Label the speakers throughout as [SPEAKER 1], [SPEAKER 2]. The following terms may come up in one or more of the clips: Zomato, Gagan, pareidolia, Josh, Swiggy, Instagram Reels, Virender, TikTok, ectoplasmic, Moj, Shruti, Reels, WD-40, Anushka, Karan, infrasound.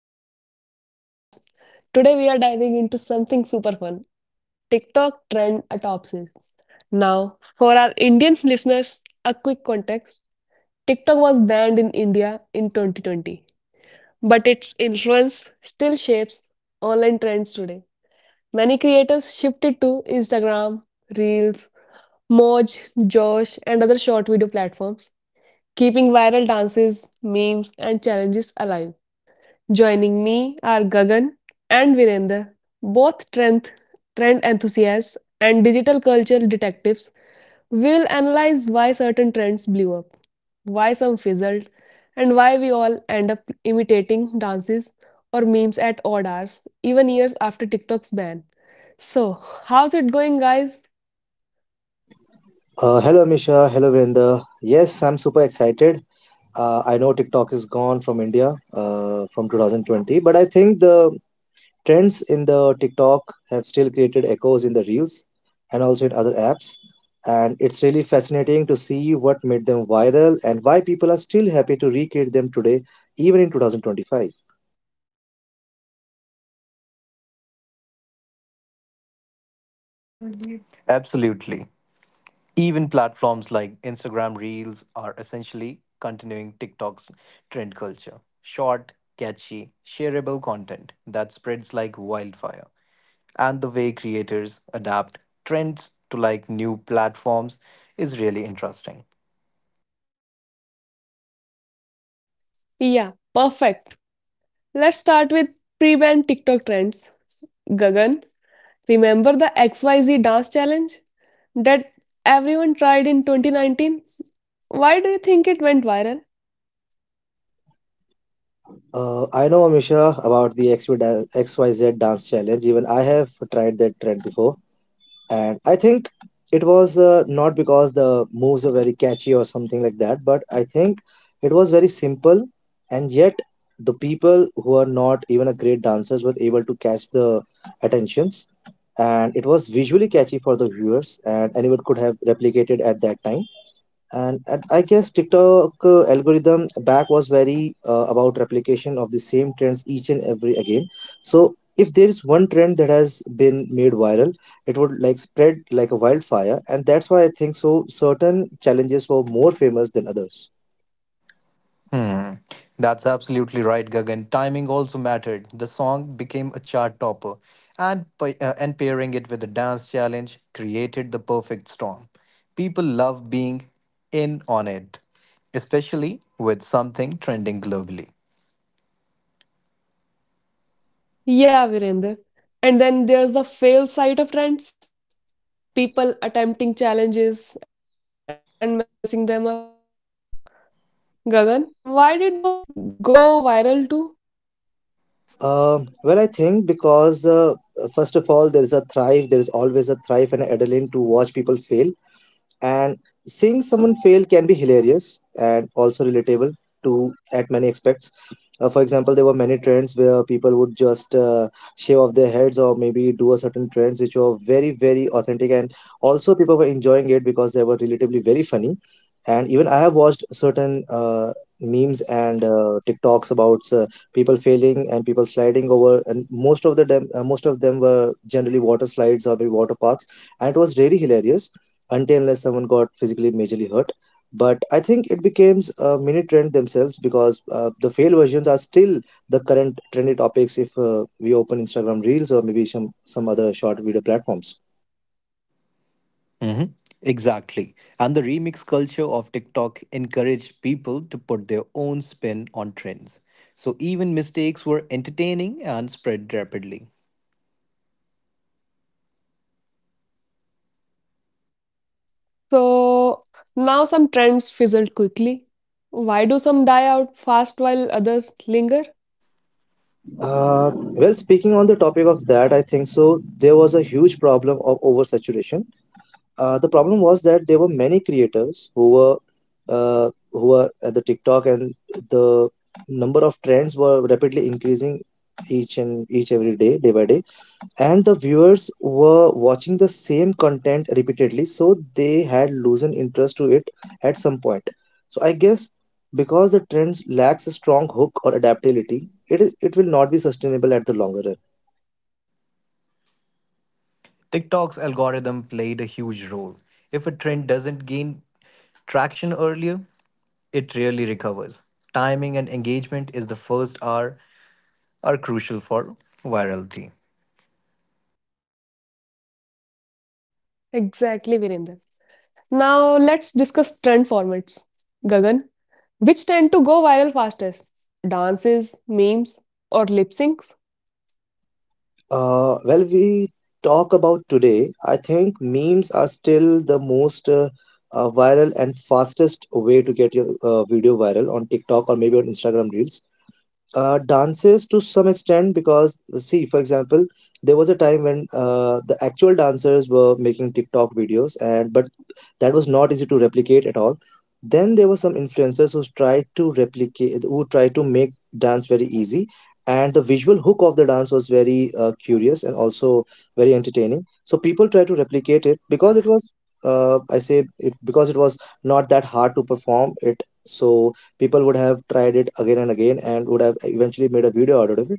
[SPEAKER 1] Welcome back to the podcast. Today, we are diving into something super fun: TikTok trend autopsies. Now, for our Indian listeners, a quick context: TikTok was banned in India in 2020, but its influence still shapes online trends today. Many creators shifted to Instagram, Reels, Moj, Josh, and other short video platforms, keeping viral dances, memes, and challenges alive. Joining me are Gagan and Virender, both trend enthusiasts and digital culture detectives. We'll analyze why certain trends blew up, why some fizzled, and why we all end up imitating dances or memes at odd hours, even years after TikTok's ban. So, how's it going, guys?
[SPEAKER 2] Hello, Misha. Hello, Vrinda. Yes, I'm super excited. I know TikTok is gone from India from 2020, but I think the trends in the TikTok have still created echoes in the Reels and also in other apps. And it's really fascinating to see what made them viral and why people are still happy to recreate them today, even in 2025.
[SPEAKER 3] Absolutely. Even platforms like Instagram Reels are essentially continuing TikTok's trend culture. Short, catchy, shareable content that spreads like wildfire. And the way creators adapt trends to like new platforms is really interesting.
[SPEAKER 1] Yeah, perfect. Let's start with pre ban TikTok trends. Gagan, remember the XYZ dance challenge that everyone tried in 2019? Why do you think it went viral?
[SPEAKER 2] I know, Misha, about the XYZ dance challenge. Even I have tried that trend before, and I think it was not because the moves are very catchy or something like that, but I think it was very simple, and yet the people who are not even a great dancers were able to catch the attentions, and it was visually catchy for the viewers, and anyone could have replicated at that time. And I guess tiktok algorithm back was very about replication of the same trends each and every again. So if there is one trend that has been made viral, it would like spread like a wildfire, and that's why I think so certain challenges were more famous than others.
[SPEAKER 3] Hmm, that's absolutely right, Gagan. Timing also mattered. The song became a chart topper, and, and pairing it with a dance challenge created the perfect storm. People love being in on it, especially with something trending globally.
[SPEAKER 1] Yeah, Virender. And then there's the fail side of trends. People attempting challenges and messing them up. Gagan, why did those go viral too?
[SPEAKER 2] Well, I think because first of all, there is a thrive. There is always a thrive and adrenaline to watch people fail. And seeing someone fail can be hilarious and also relatable to at many aspects. For example, there were many trends where people would just shave off their heads or maybe do a certain trends which were very very authentic, and also people were enjoying it because they were relatively very funny. And even I have watched certain memes and TikToks about people failing and people sliding over, and most of the most of them were generally water slides or maybe water parks, and it was really hilarious until unless someone got physically majorly hurt. But I think it becomes a mini trend themselves because the fail versions are still the current trendy topics if we open Instagram Reels or maybe some other short video platforms.
[SPEAKER 3] Hmm Exactly. And the remix culture of TikTok encouraged people to put their own spin on trends. So even mistakes were entertaining and spread rapidly.
[SPEAKER 1] So now some trends fizzled quickly. Why do some die out fast while others linger?
[SPEAKER 2] Well, speaking on the topic of that, I think so. There was a huge problem of oversaturation. The problem was that there were many creators who were at the TikTok, and the number of trends were rapidly increasing each and each every day, day by day, and the viewers were watching the same content repeatedly, so they had loosened interest to it at some point. So I guess because the trends lacks a strong hook or adaptability, it will not be sustainable at the longer run.
[SPEAKER 3] TikTok's algorithm played a huge role. If a trend doesn't gain traction earlier, it rarely recovers. Timing and engagement is the first R are crucial for virality.
[SPEAKER 1] Exactly, Virender. Now let's discuss trend formats. Gagan, which tend to go viral fastest? Dances, memes, or lip syncs?
[SPEAKER 2] Well, we talk about today, I think memes are still the most viral and fastest way to get your video viral on tiktok or maybe on instagram reels. Dances to some extent because see for example there was a time when the actual dancers were making tiktok videos, and but that was not easy to replicate at all. Then there were some influencers who tried to replicate, who tried to make dance very easy, and the visual hook of the dance was very curious and also very entertaining, so people tried to replicate it because it was uh, i say it because it was not that hard to perform it, so people would have tried it again and again and would have eventually made a video out of it.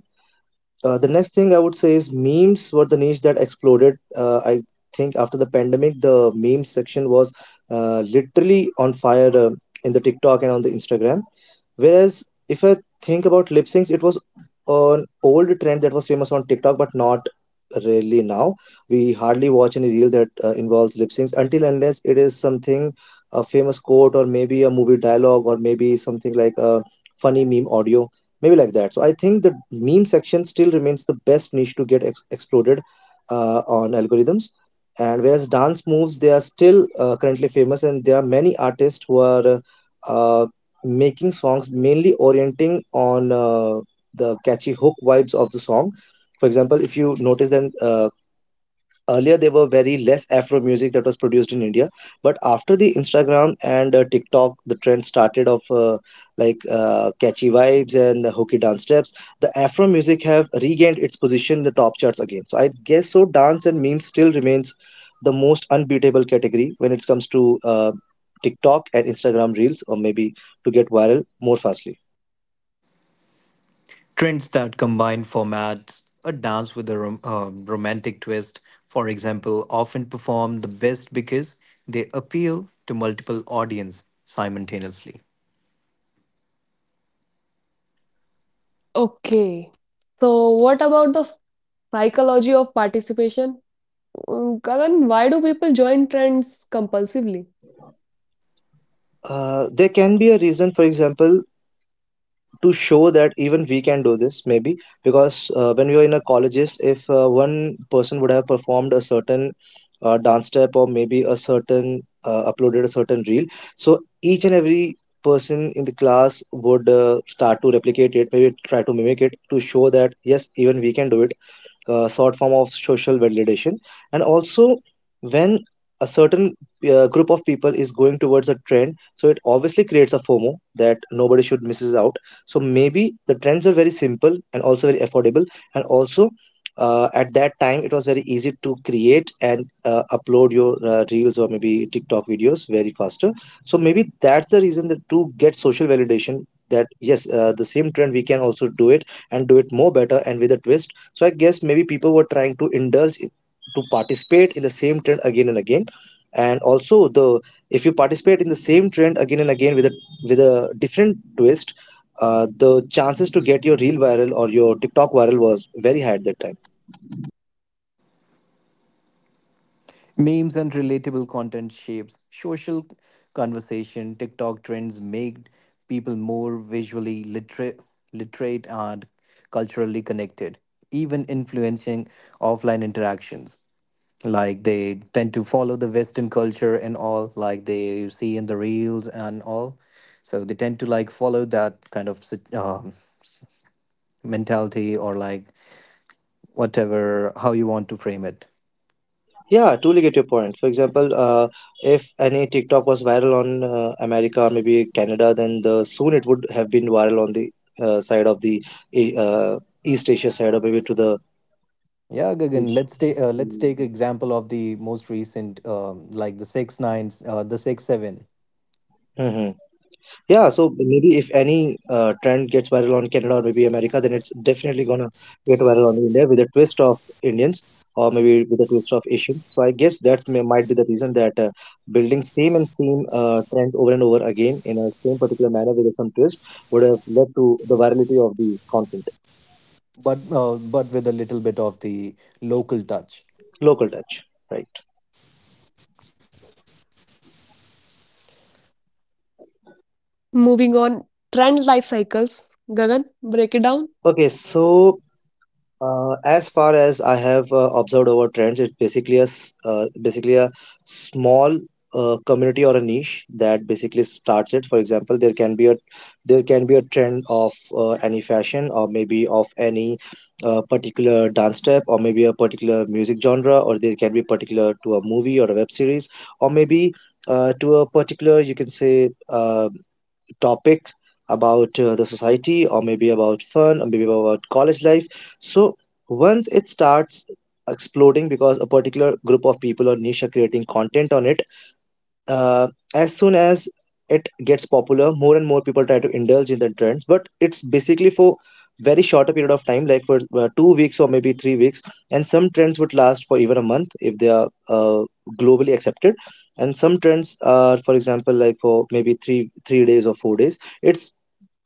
[SPEAKER 2] The next thing I would say is memes were the niche that exploded. I think after the pandemic, the meme section was literally on fire in the TikTok and on the Instagram. Whereas if I think about lip syncs, it was an old trend that was famous on TikTok, but not really now. We hardly watch any reel that involves lip syncs until unless it is something a famous quote or maybe a movie dialogue or maybe something like a funny meme audio, maybe like that. So I think the meme section still remains the best niche to get exploded on algorithms. And whereas dance moves, they are still currently famous, and there are many artists who are uh, making songs mainly orienting on the catchy hook vibes of the song. For example, if you notice then earlier there were very less afro music that was produced in india, but after the instagram and tiktok, the trend started of catchy vibes and hooky dance steps. The afro music have regained its position in the top charts again, so I guess so dance and memes still remains the most unbeatable category when it comes to uh, tiktok and instagram reels, or maybe to get viral more fastly.
[SPEAKER 3] Trends that combine formats, a dance with a romantic twist, for example, often perform the best because they appeal to multiple audience simultaneously.
[SPEAKER 1] Okay. So, what about the psychology of participation? Mm, Karan, why do people join trends compulsively?
[SPEAKER 2] There can be a reason, for example, to show that even we can do this, maybe because when we were in our colleges, if one person would have performed a certain dance step or maybe a certain uploaded a certain reel, so each and every person in the class would start to replicate it, maybe try to mimic it to show that yes, even we can do it. Short form of social validation. And also when a certain group of people is going towards a trend, so it obviously creates a fomo that nobody should misses out. So maybe the trends are very simple and also very affordable, and also at that time it was very easy to create and upload your reels or maybe tiktok videos very faster. So maybe that's the reason that to get social validation, that yes, the same trend we can also do it, and do it more better and with a twist. So I guess maybe people were trying to to participate in the same trend again and again. And also the if you participate in the same trend again and again with a different twist, the chances to get your real viral or your TikTok viral was very high at that time.
[SPEAKER 3] Memes and relatable content shapes social conversation. TikTok trends make people more visually literate, literate and culturally connected, even influencing offline interactions. Like they tend to follow the Western culture and all, like they see in the reels and all. So they tend to like follow that kind of mentality or like whatever, how you want to frame it.
[SPEAKER 2] Yeah, I totally get your point. For example, if any TikTok was viral on America, maybe Canada, then the soon it would have been viral on the side of the East Asia side, or maybe to the.
[SPEAKER 3] Yeah, Gagan. Let's take example of the most recent, like the six nines, the six seven,
[SPEAKER 2] Mhm. Yeah, so maybe if any trend gets viral on Canada or maybe America, then it's definitely gonna get viral on India with a twist of Indians or maybe with a twist of Asians. So I guess that may might be the reason that building same and same trends over and over again in a same particular manner with some twist would have led to the virality of the content.
[SPEAKER 3] but with a little bit of the local touch.
[SPEAKER 2] Local touch, right?
[SPEAKER 4] Moving on, trend life cycles. Gagan, break it down.
[SPEAKER 2] Okay, so as far as I have observed over trends, it's basically basically a small community or a niche that basically starts it. For example, there can be a there can be a trend of any fashion or maybe of any particular dance step or maybe a particular music genre, or there can be particular to a movie or a web series, or maybe to a particular, you can say, topic about the society or maybe about fun or maybe about college life. So once it starts exploding because a particular group of people or niche are creating content on it, uh, as soon as it gets popular, more and more people try to indulge in the trends, but it's basically for very shorter period of time, like for 2 weeks or maybe 3 weeks, and some trends would last for even a month if they are globally accepted. And some trends are, for example, like for maybe three days or 4 days. It's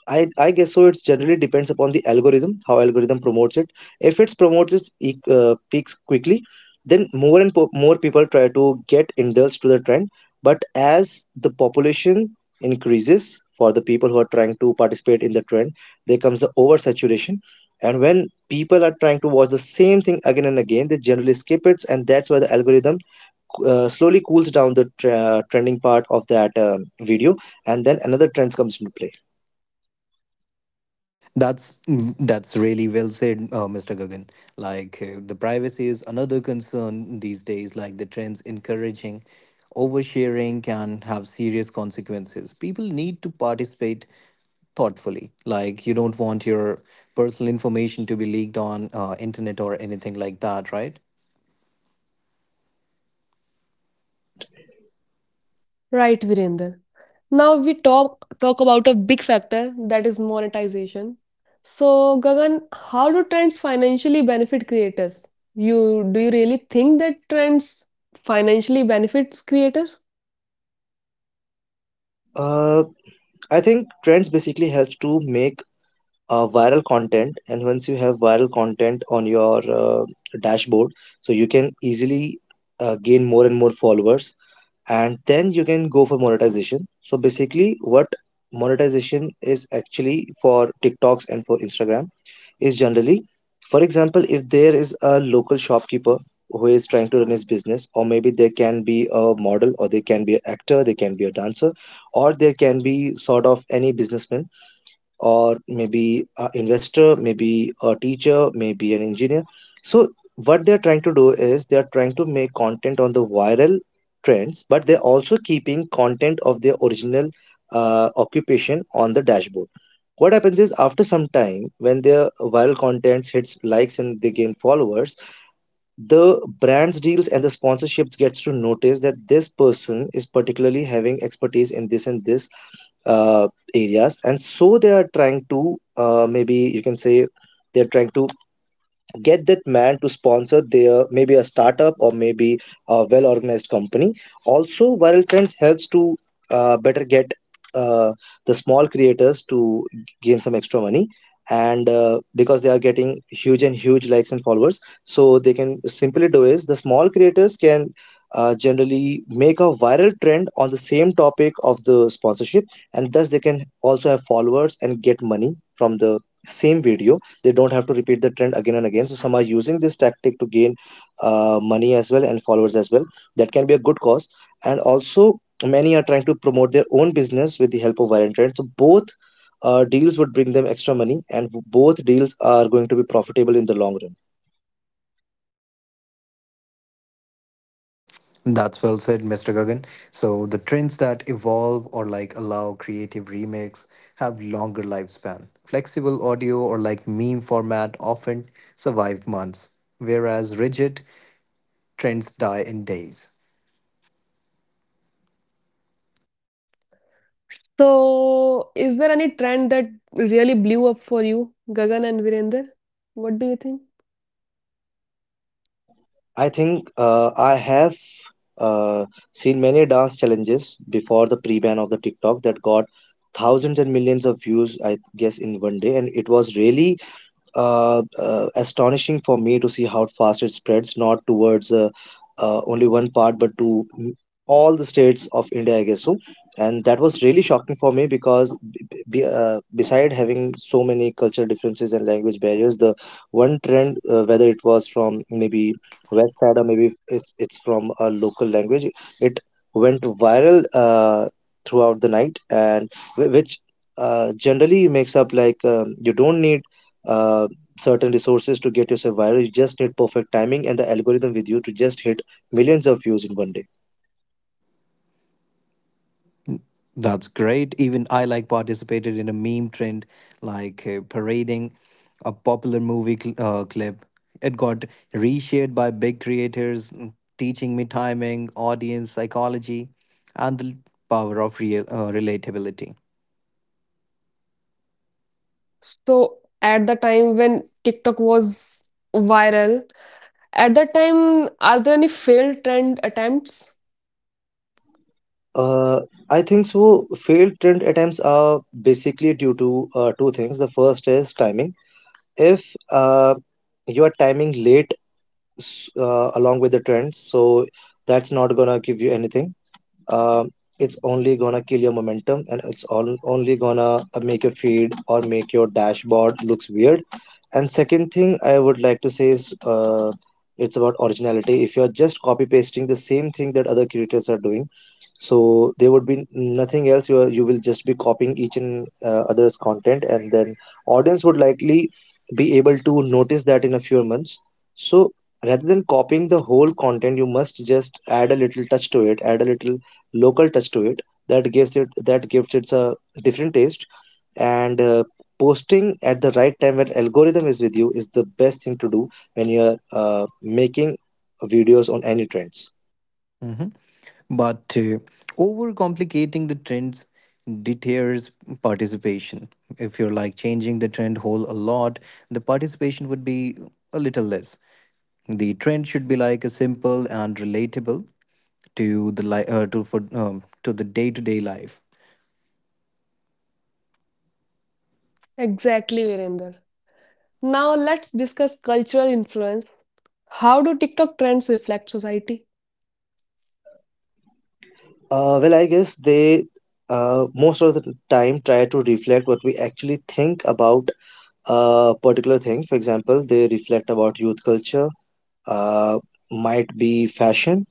[SPEAKER 2] I guess so. It generally depends upon the algorithm, how algorithm promotes it. If it promotes its peaks quickly, then more people try to get indulged to the trend. But as the population increases for the people who are trying to participate in the trend, there comes the oversaturation. And when people are trying to watch the same thing again and again, they generally skip it, and that's why the algorithm slowly cools down the trending part of that video, and then another trend comes into play.
[SPEAKER 3] That's that's really well said, Mr. Gagan. Like the privacy is another concern these days. Like the trends encouraging oversharing can have serious consequences. People need to participate thoughtfully. Like you don't want your personal information to be leaked on internet or anything like that, right?
[SPEAKER 2] Right.
[SPEAKER 4] Right, Virender. Now we talk about a big factor, that is monetization. So, Gagan, how do trends financially benefit creators? You do you really think that trends financially benefits creators?
[SPEAKER 2] Uh, I think trends basically helps to make viral content, and once you have viral content on your dashboard, so you can easily gain more and more followers, and then you can go for monetization. So basically, what monetization is actually for TikToks and for Instagram is generally, for example, if there is a local shopkeeper who is trying to run his business, or maybe there can be a model, or they can be an actor, they can be a dancer, or there can be sort of any businessman, or maybe an investor, maybe a teacher, maybe an engineer. So what they're trying to do is they're trying to make content on the viral trends, but they're also keeping content of their original occupation on the dashboard. What happens is after some time, when their viral contents hits likes and they gain followers, the brands deals and the sponsorships gets to notice that this person is particularly having expertise in this and this uh, areas, and so they are trying to, maybe you can say, they're trying to get that man to sponsor their maybe a startup or maybe a well organized company. Also, viral trends helps to better get uh, the small creators to gain some extra money, and because they are getting huge and huge likes and followers, so they can simply do is the small creators can generally make a viral trend on the same topic of the sponsorship, and thus they can also have followers and get money from the same video. They don't have to repeat the trend again and again, so some are using this tactic to gain money as well and followers as well. That can be a good cause, and also many are trying to promote their own business with the help of viral trend, so both deals would bring them extra money and both deals are going to be profitable in the long run.
[SPEAKER 3] That's well said, Mr. Gagan. So the trends that evolve or like allow creative remakes have longer lifespan. Flexible audio or like meme format often survive months, whereas rigid trends die in days.
[SPEAKER 4] So, is there any trend that really blew up for you, Gagan and Virender? What do you think?
[SPEAKER 2] I have uh, seen many dance challenges before the pre-ban of the TikTok that got thousands and millions of views, I guess, in 1 day, and it was really astonishing for me to see how fast it spreads, not towards only one part, but to all the states of India, I guess so. And that was really shocking for me because, beside having so many cultural differences and language barriers, the one trend, whether it was from maybe west side or maybe it's from a local language, it went viral throughout the night, and which generally makes up like, you don't need uh, certain resources to get yourself viral. You just need perfect timing and the algorithm with you to just hit millions of views in 1 day.
[SPEAKER 3] That's great. Even I like participated in a meme trend, like parading a popular movie clip It got reshared by big creators, mm, teaching me timing, audience psychology, and the power of real relatability.
[SPEAKER 4] So, at the time when TikTok was viral, at that time, are there any failed trend attempts?
[SPEAKER 2] Uh, I think so. Failed trend attempts are basically due to two things. The first is timing. If you are timing late along with the trends, so that's not gonna give you anything. Um, it's only gonna kill your momentum, and it's all only gonna make your feed or make your dashboard looks weird. And second thing I would like to say is, it's about originality. If you're just copy pasting the same thing that other creators are doing, so there would be nothing else. You will just be copying each and other's content, and then audience would likely be able to notice that in a few months. So rather than copying the whole content, you must just add a little touch to it, add a little local touch to it that gives it a different taste, and posting at the right time when algorithm is with you is the best thing to do when you're making videos on any trends.
[SPEAKER 3] Mhm. But overcomplicating the trends deters participation. If you're like changing the trend whole a lot, the participation would be a little less. The trend should be like a simple and relatable to the to the day to day life.
[SPEAKER 4] Exactly, Virender. Now, let's discuss cultural influence. How do TikTok trends reflect society?
[SPEAKER 2] Well, I guess they most of the time try to reflect what we actually think about a particular thing. For example, they reflect about youth culture, uh, might be fashion,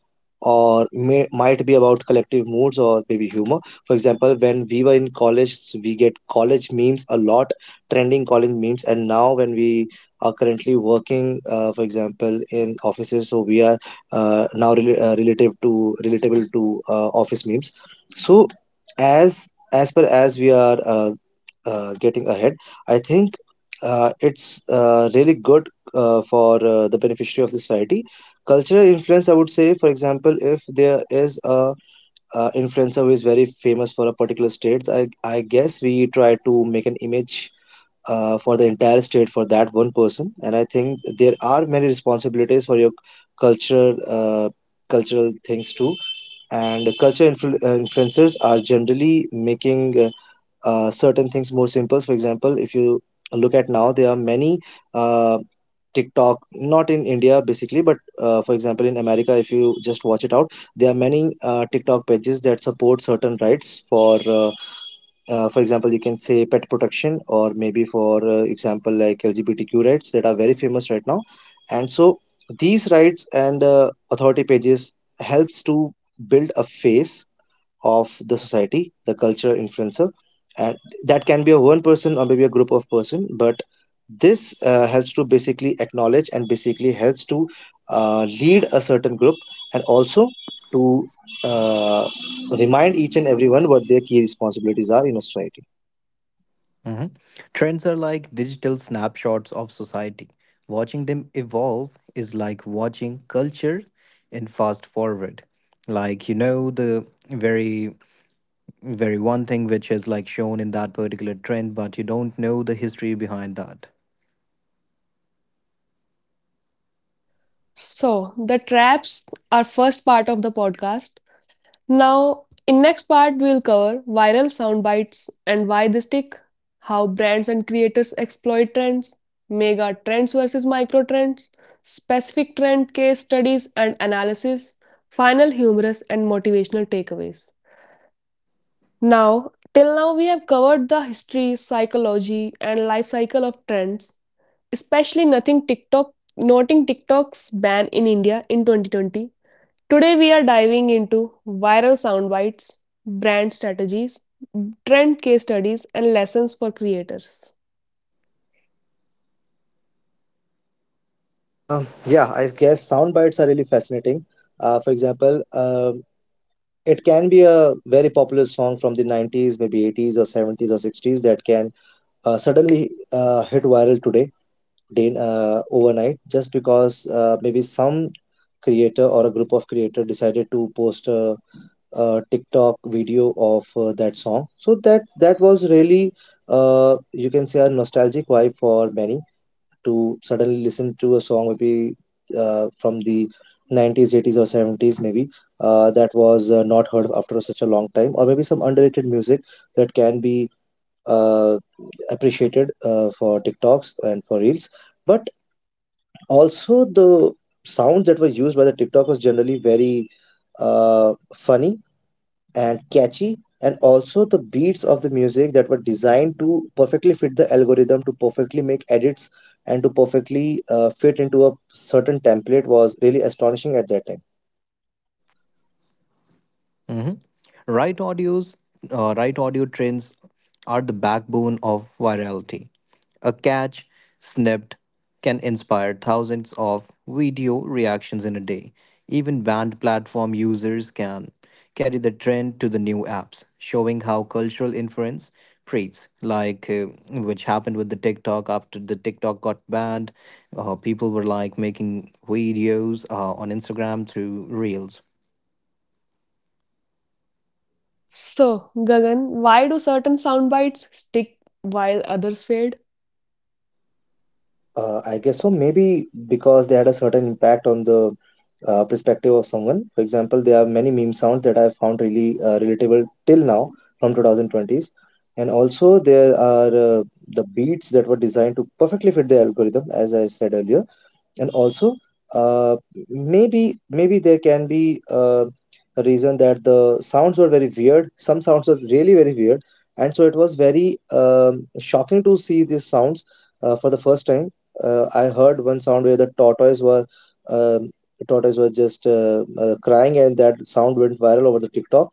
[SPEAKER 2] or might be about collective moods, or maybe humor. For example, when we were in college, we get college memes a lot, trending college memes, and now when we are currently working, for example in offices, so we are now rela- relative to relatable to office memes. So as per as we are getting ahead, I think it's really good for the beneficiary of the society. Cultural influence, I would say, for example, if there is a influencer who is very famous for a particular state, I guess we try to make an image for the entire state for that one person, and I think there are many responsibilities for your cultural cultural things too. And influencers are generally making certain things more simple. For example, if you look at now, there are many uh. TikTok, not in India basically, but for example in America, if you just watch it out, there are many TikTok pages that support certain rights for example, you can say pet protection, or maybe for, example, like LGBTQ rights that are very famous right now. And so these rights and authority pages helps to build a face of the society, the culture influencer, and that can be a one person or maybe a group of person. But this helps to basically acknowledge and basically helps to lead a certain group, and also to uh, remind each and everyone what their key responsibilities are in a society.
[SPEAKER 3] Mhm. Trends are like digital snapshots of society. Watching them evolve is like watching culture in fast forward. Like, you know, the very very one thing which is like shown in that particular trend, but you don't know the history behind that.
[SPEAKER 4] So, the traps are first part of the podcast. Now, in next part, we'll cover viral sound bites and why they stick, how brands and creators exploit trends, mega trends versus micro trends, specific trend case studies and analysis, final humorous and motivational takeaways. Now, till now we have covered the history, psychology and life cycle of trends, especially nothing TikTok, noting TikTok's ban in India in 2020. Today, we are diving into viral sound bites, brand strategies, trend case studies, and lessons for creators.
[SPEAKER 2] Yeah, I guess sound bites are really fascinating. For example, it can be a very popular song from the 90s, maybe 80s or 70s or 60s, that can suddenly hit viral today, overnight, just because maybe some creator or a group of creator decided to post a TikTok video of that song. So that that was really, you can say, a nostalgic vibe for many to suddenly listen to a song, maybe from the 90s, 80s or 70s, maybe that was not heard after such a long time, or maybe some underrated music that can be uh, appreciated for TikToks and for Reels. But also, the sounds that were used by the TikTok was generally very funny and catchy, and also the beats of the music that were designed to perfectly fit the algorithm, to perfectly make edits, and to perfectly fit into a certain template was really astonishing at that time.
[SPEAKER 3] Mhm. Right audios, right audio trends are the backbone of virality. A catch snipped can inspire thousands of video reactions in a day. Even banned platform users can carry the trend to the new apps, showing how cultural influence spreads. Like which happened with the TikTok after the TikTok got banned, people were like making videos on Instagram through Reels.
[SPEAKER 4] So, Gagan, why do certain sound bites stick while others fade?
[SPEAKER 2] I guess so. Maybe because they had a certain impact on the perspective of someone. For example, there are many meme sounds that I have found really relatable till now from 2020s. And also, there are the beats that were designed to perfectly fit the algorithm, as I said earlier. And also uh, maybe maybe there can be a reason that the sounds were very weird. Some sounds were really very weird, and so it was very shocking to see these sounds for the first time. I heard one sound where the tortoise were, um, tortoise were just crying, and that sound went viral over the TikTok.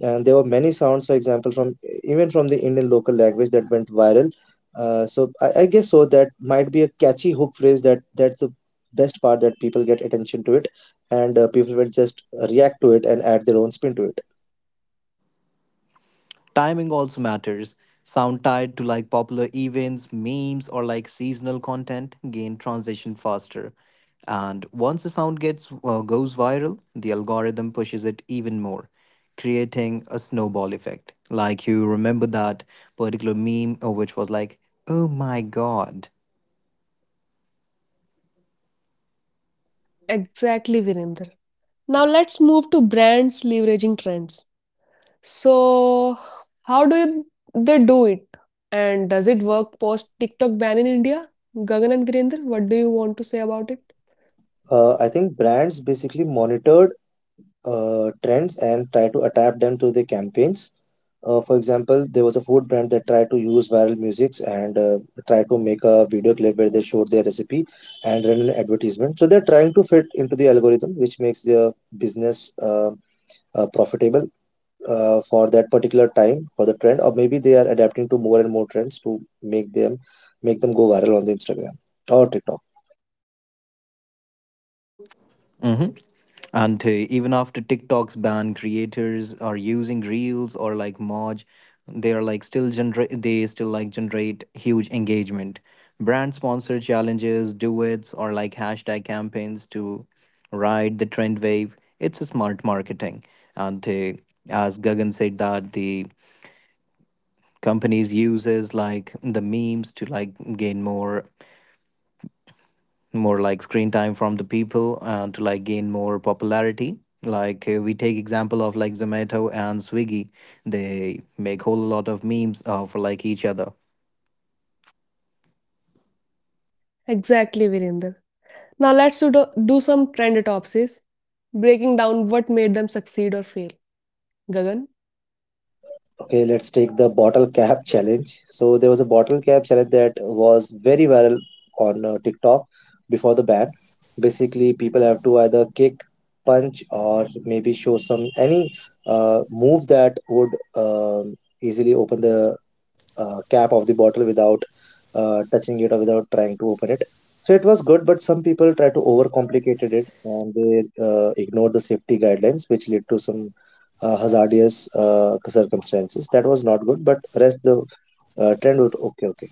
[SPEAKER 2] And there were many sounds, for example, from even from the Indian local language that went viral. So I guess so, that might be a catchy hook phrase, that that's the best part that people get attention to it, and people will just react to it and add their own spin to it.
[SPEAKER 3] Timing also matters. Sound tied to like popular events, memes, or like seasonal content gain transition faster. And once the sound gets goes viral, the algorithm pushes it even more, creating a snowball effect. Like you remember that particular meme, which was like, "Oh my god!"
[SPEAKER 4] Exactly, Virender. Now, let's move to brands leveraging trends. So, how do you- they do it? And does it work post TikTok ban in India? Gagan and Virender, what do you want to say about it?
[SPEAKER 2] I think brands basically monitored trends and try to adapt them to their campaigns. For example, there was a food brand that tried to use viral musics, and tried to make a video clip where they showed their recipe and ran an advertisement. So they're trying to fit into the algorithm, which makes their business profitable for that particular time for the trend, or maybe they are adapting to more and more trends to make them go viral on the Instagram or TikTok.
[SPEAKER 3] hmm And even after TikTok's ban, creators are using Reels or like Moj. They are like still generate. They still like generate huge engagement. Brand sponsor challenges, duets, or like hashtag campaigns to ride the trend wave. It's a smart marketing. And as Gagan said, that the companies uses like the memes to like gain more more like screen time from the people to like gain more popularity, like we take example of like Zomato and Swiggy. They make whole lot of memes for like each other.
[SPEAKER 4] Exactly, Virender. Now do some trend autopsies, breaking down what made them succeed or fail. Gagan,
[SPEAKER 2] Okay, let's take the bottle cap challenge. So there was a bottle cap challenge that was very viral on TikTok before the ban. Basically, people have to either kick, punch, or maybe show some any move that would easily open the cap of the bottle without touching it or without trying to open it. So it was good, but some people try to overcomplicated it and they ignored the safety guidelines, which led to some hazardous circumstances. That was not good, but rest the trend would okay. Okay.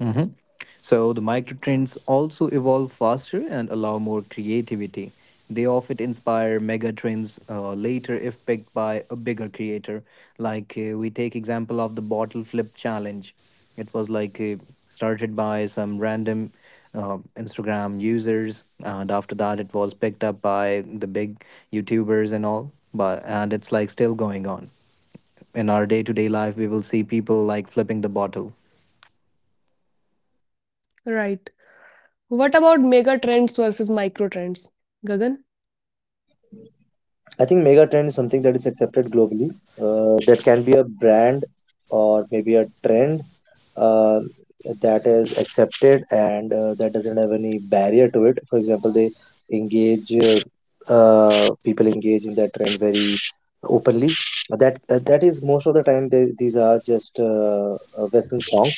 [SPEAKER 3] Mhm. So the microtrends also evolve faster and allow more creativity. They often inspire megatrends later if picked by a bigger creator. Like we take example of the bottle flip challenge. It was like started by some random Instagram users, and after that it was picked up by the big YouTubers and all. But and it's like still going on. In our day-to-day life, we will see people like flipping the bottle.
[SPEAKER 4] right. What about mega trends versus micro trends? Gagan,
[SPEAKER 2] I think mega trend is something that is accepted globally. That can be a brand or maybe a trend uh, that is accepted, and that doesn't have any barrier to it. For example, they engage people engage in that trend very openly. That is most of the time these are just Western songs,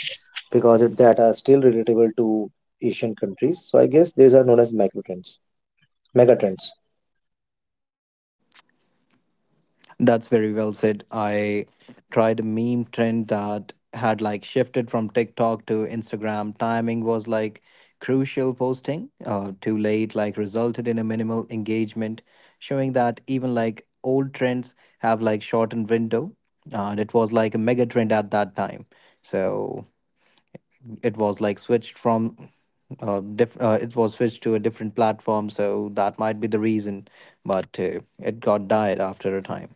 [SPEAKER 2] because that are still relatable to Asian countries. So I guess these are known as micro trends, mega trends.
[SPEAKER 3] That's very well said. I tried a meme trend that had like shifted from TikTok to Instagram. Timing was like crucial posting, too late, like resulted in a minimal engagement, showing that even like old trends have like shortened window. And it was like a mega trend at that time. So it was like switched from it was switched to a different platform. So that might be the reason, but it got died after a time.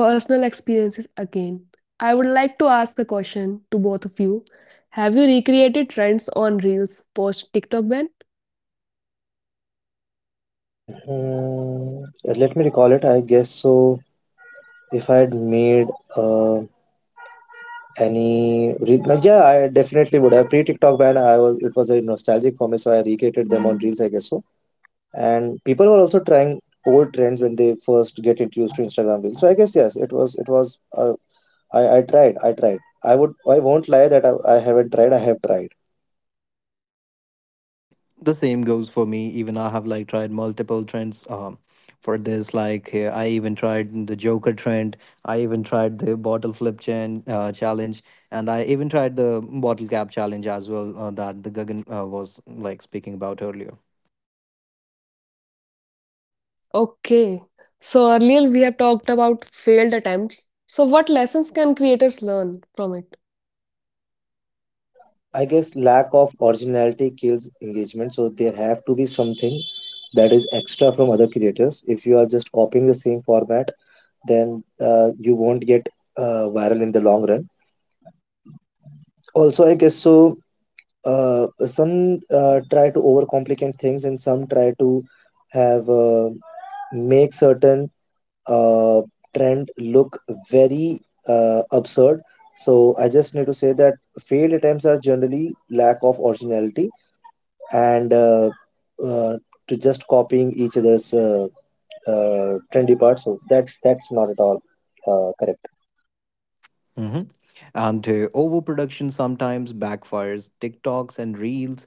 [SPEAKER 4] personal experiences again. I would like to ask a question to both of you. Have you recreated trends on Reels post TikTok ban?
[SPEAKER 2] Mm, let me recall it. I guess so. If I had made uh, any, like, yeah, I definitely would have pre TikTok ban. I was It was very nostalgic for me, so I recreated them on Reels, I guess so. And people were also trying old trends when they first get introduced to Instagram Reels. So I guess yes, it was. I tried. I tried. I would. I won't lie that I haven't tried. I have tried.
[SPEAKER 3] The same goes for me. Even I have like tried multiple trends, for this like I even tried the joker trend. I even tried the bottle flip challenge and I even tried the bottle cap challenge as well, that the Gagan was like speaking about earlier.
[SPEAKER 4] Okay. So earlier we have talked about failed attempts. So what lessons can creators learn from it?
[SPEAKER 2] I guess lack of originality kills engagement, so there have to be something that is extra from other creators. If you are just copying the same format, then you won't get viral in the long run. Also, I guess so. Some try to overcomplicate things, and some try to have make certain uh, trend look very absurd. So I just need to say that failed attempts are generally lack of originality, and uh, to just copying each other's trendy parts. So that's not at all correct.
[SPEAKER 3] Hmm and overproduction sometimes backfires. TikToks and Reels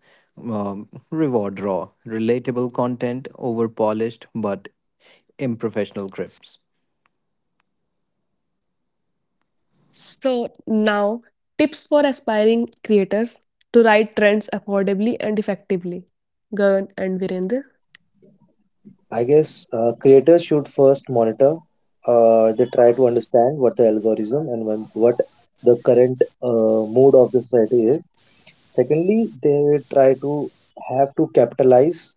[SPEAKER 3] reward raw relatable content over polished but improfessional scripts.
[SPEAKER 4] So now, tips for aspiring creators to ride trends affordably and effectively. Gagan and Virender.
[SPEAKER 2] I guess creators should first monitor. They try to understand what the algorithm and when, what the current mood of the society is. Secondly, they try to have to capitalize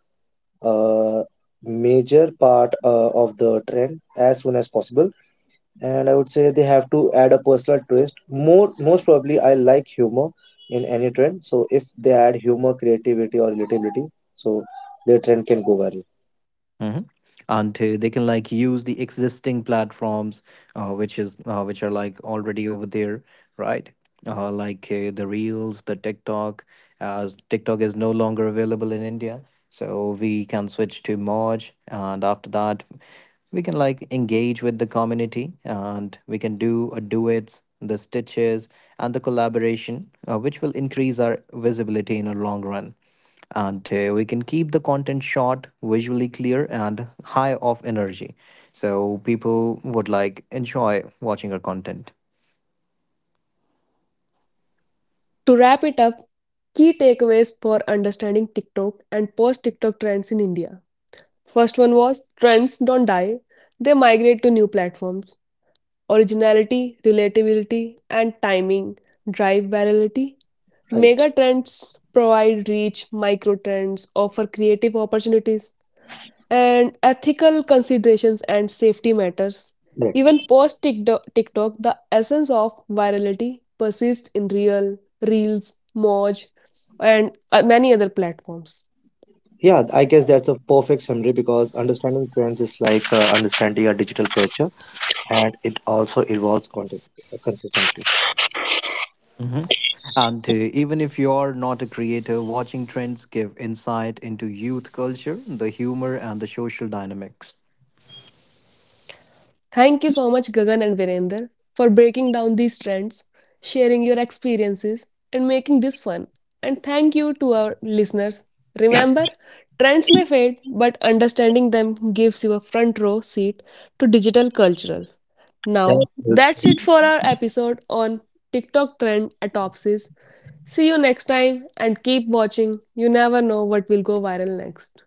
[SPEAKER 2] uh, major part of the trend as soon as possible, and I would say they have to add a personal twist. Most probably, I like humor in any trend. So if they add humor, creativity, or relatability, so their trend can go viral.
[SPEAKER 3] Hmm And they can like use the existing platforms, which are like already over there, right? Like the Reels, the TikTok. As TikTok is no longer available in India, so we can switch to Moj, and after that, we can like engage with the community, and we can do a duets, the stitches, and the collaboration, which will increase our visibility in a long run. And we can keep the content short, visually clear and high of energy, so people would like enjoy watching our content.
[SPEAKER 4] To wrap it up, key takeaways for understanding TikTok and post TikTok trends in India. First one was trends don't die, they migrate to new platforms. Originality, relatability, and timing drive virality.
[SPEAKER 2] Right.
[SPEAKER 4] Mega trends provide reach, micro trends offer creative opportunities, and ethical considerations and safety matters.
[SPEAKER 2] Correct.
[SPEAKER 4] Even post TikTok, the essence of virality persists in real reels, Moj, and many other platforms.
[SPEAKER 2] Yeah, I guess that's a perfect summary, because understanding trends is like understanding a digital culture, and it also involves content consistency.
[SPEAKER 3] Mhm. And even if you're not a creator, watching trends give insight into youth culture, the humor and the social dynamics.
[SPEAKER 4] Thank you so much, Gagan and Virender, for breaking down these trends, sharing your experiences, and making this fun. And thank you to our listeners. Remember, trends may fade, but understanding them gives you a front row seat to digital cultural.
[SPEAKER 2] That
[SPEAKER 4] Now, that's
[SPEAKER 2] helps
[SPEAKER 4] it for our episode on TikTok trend autopsies. See you next time and keep watching. You never know what will go viral next.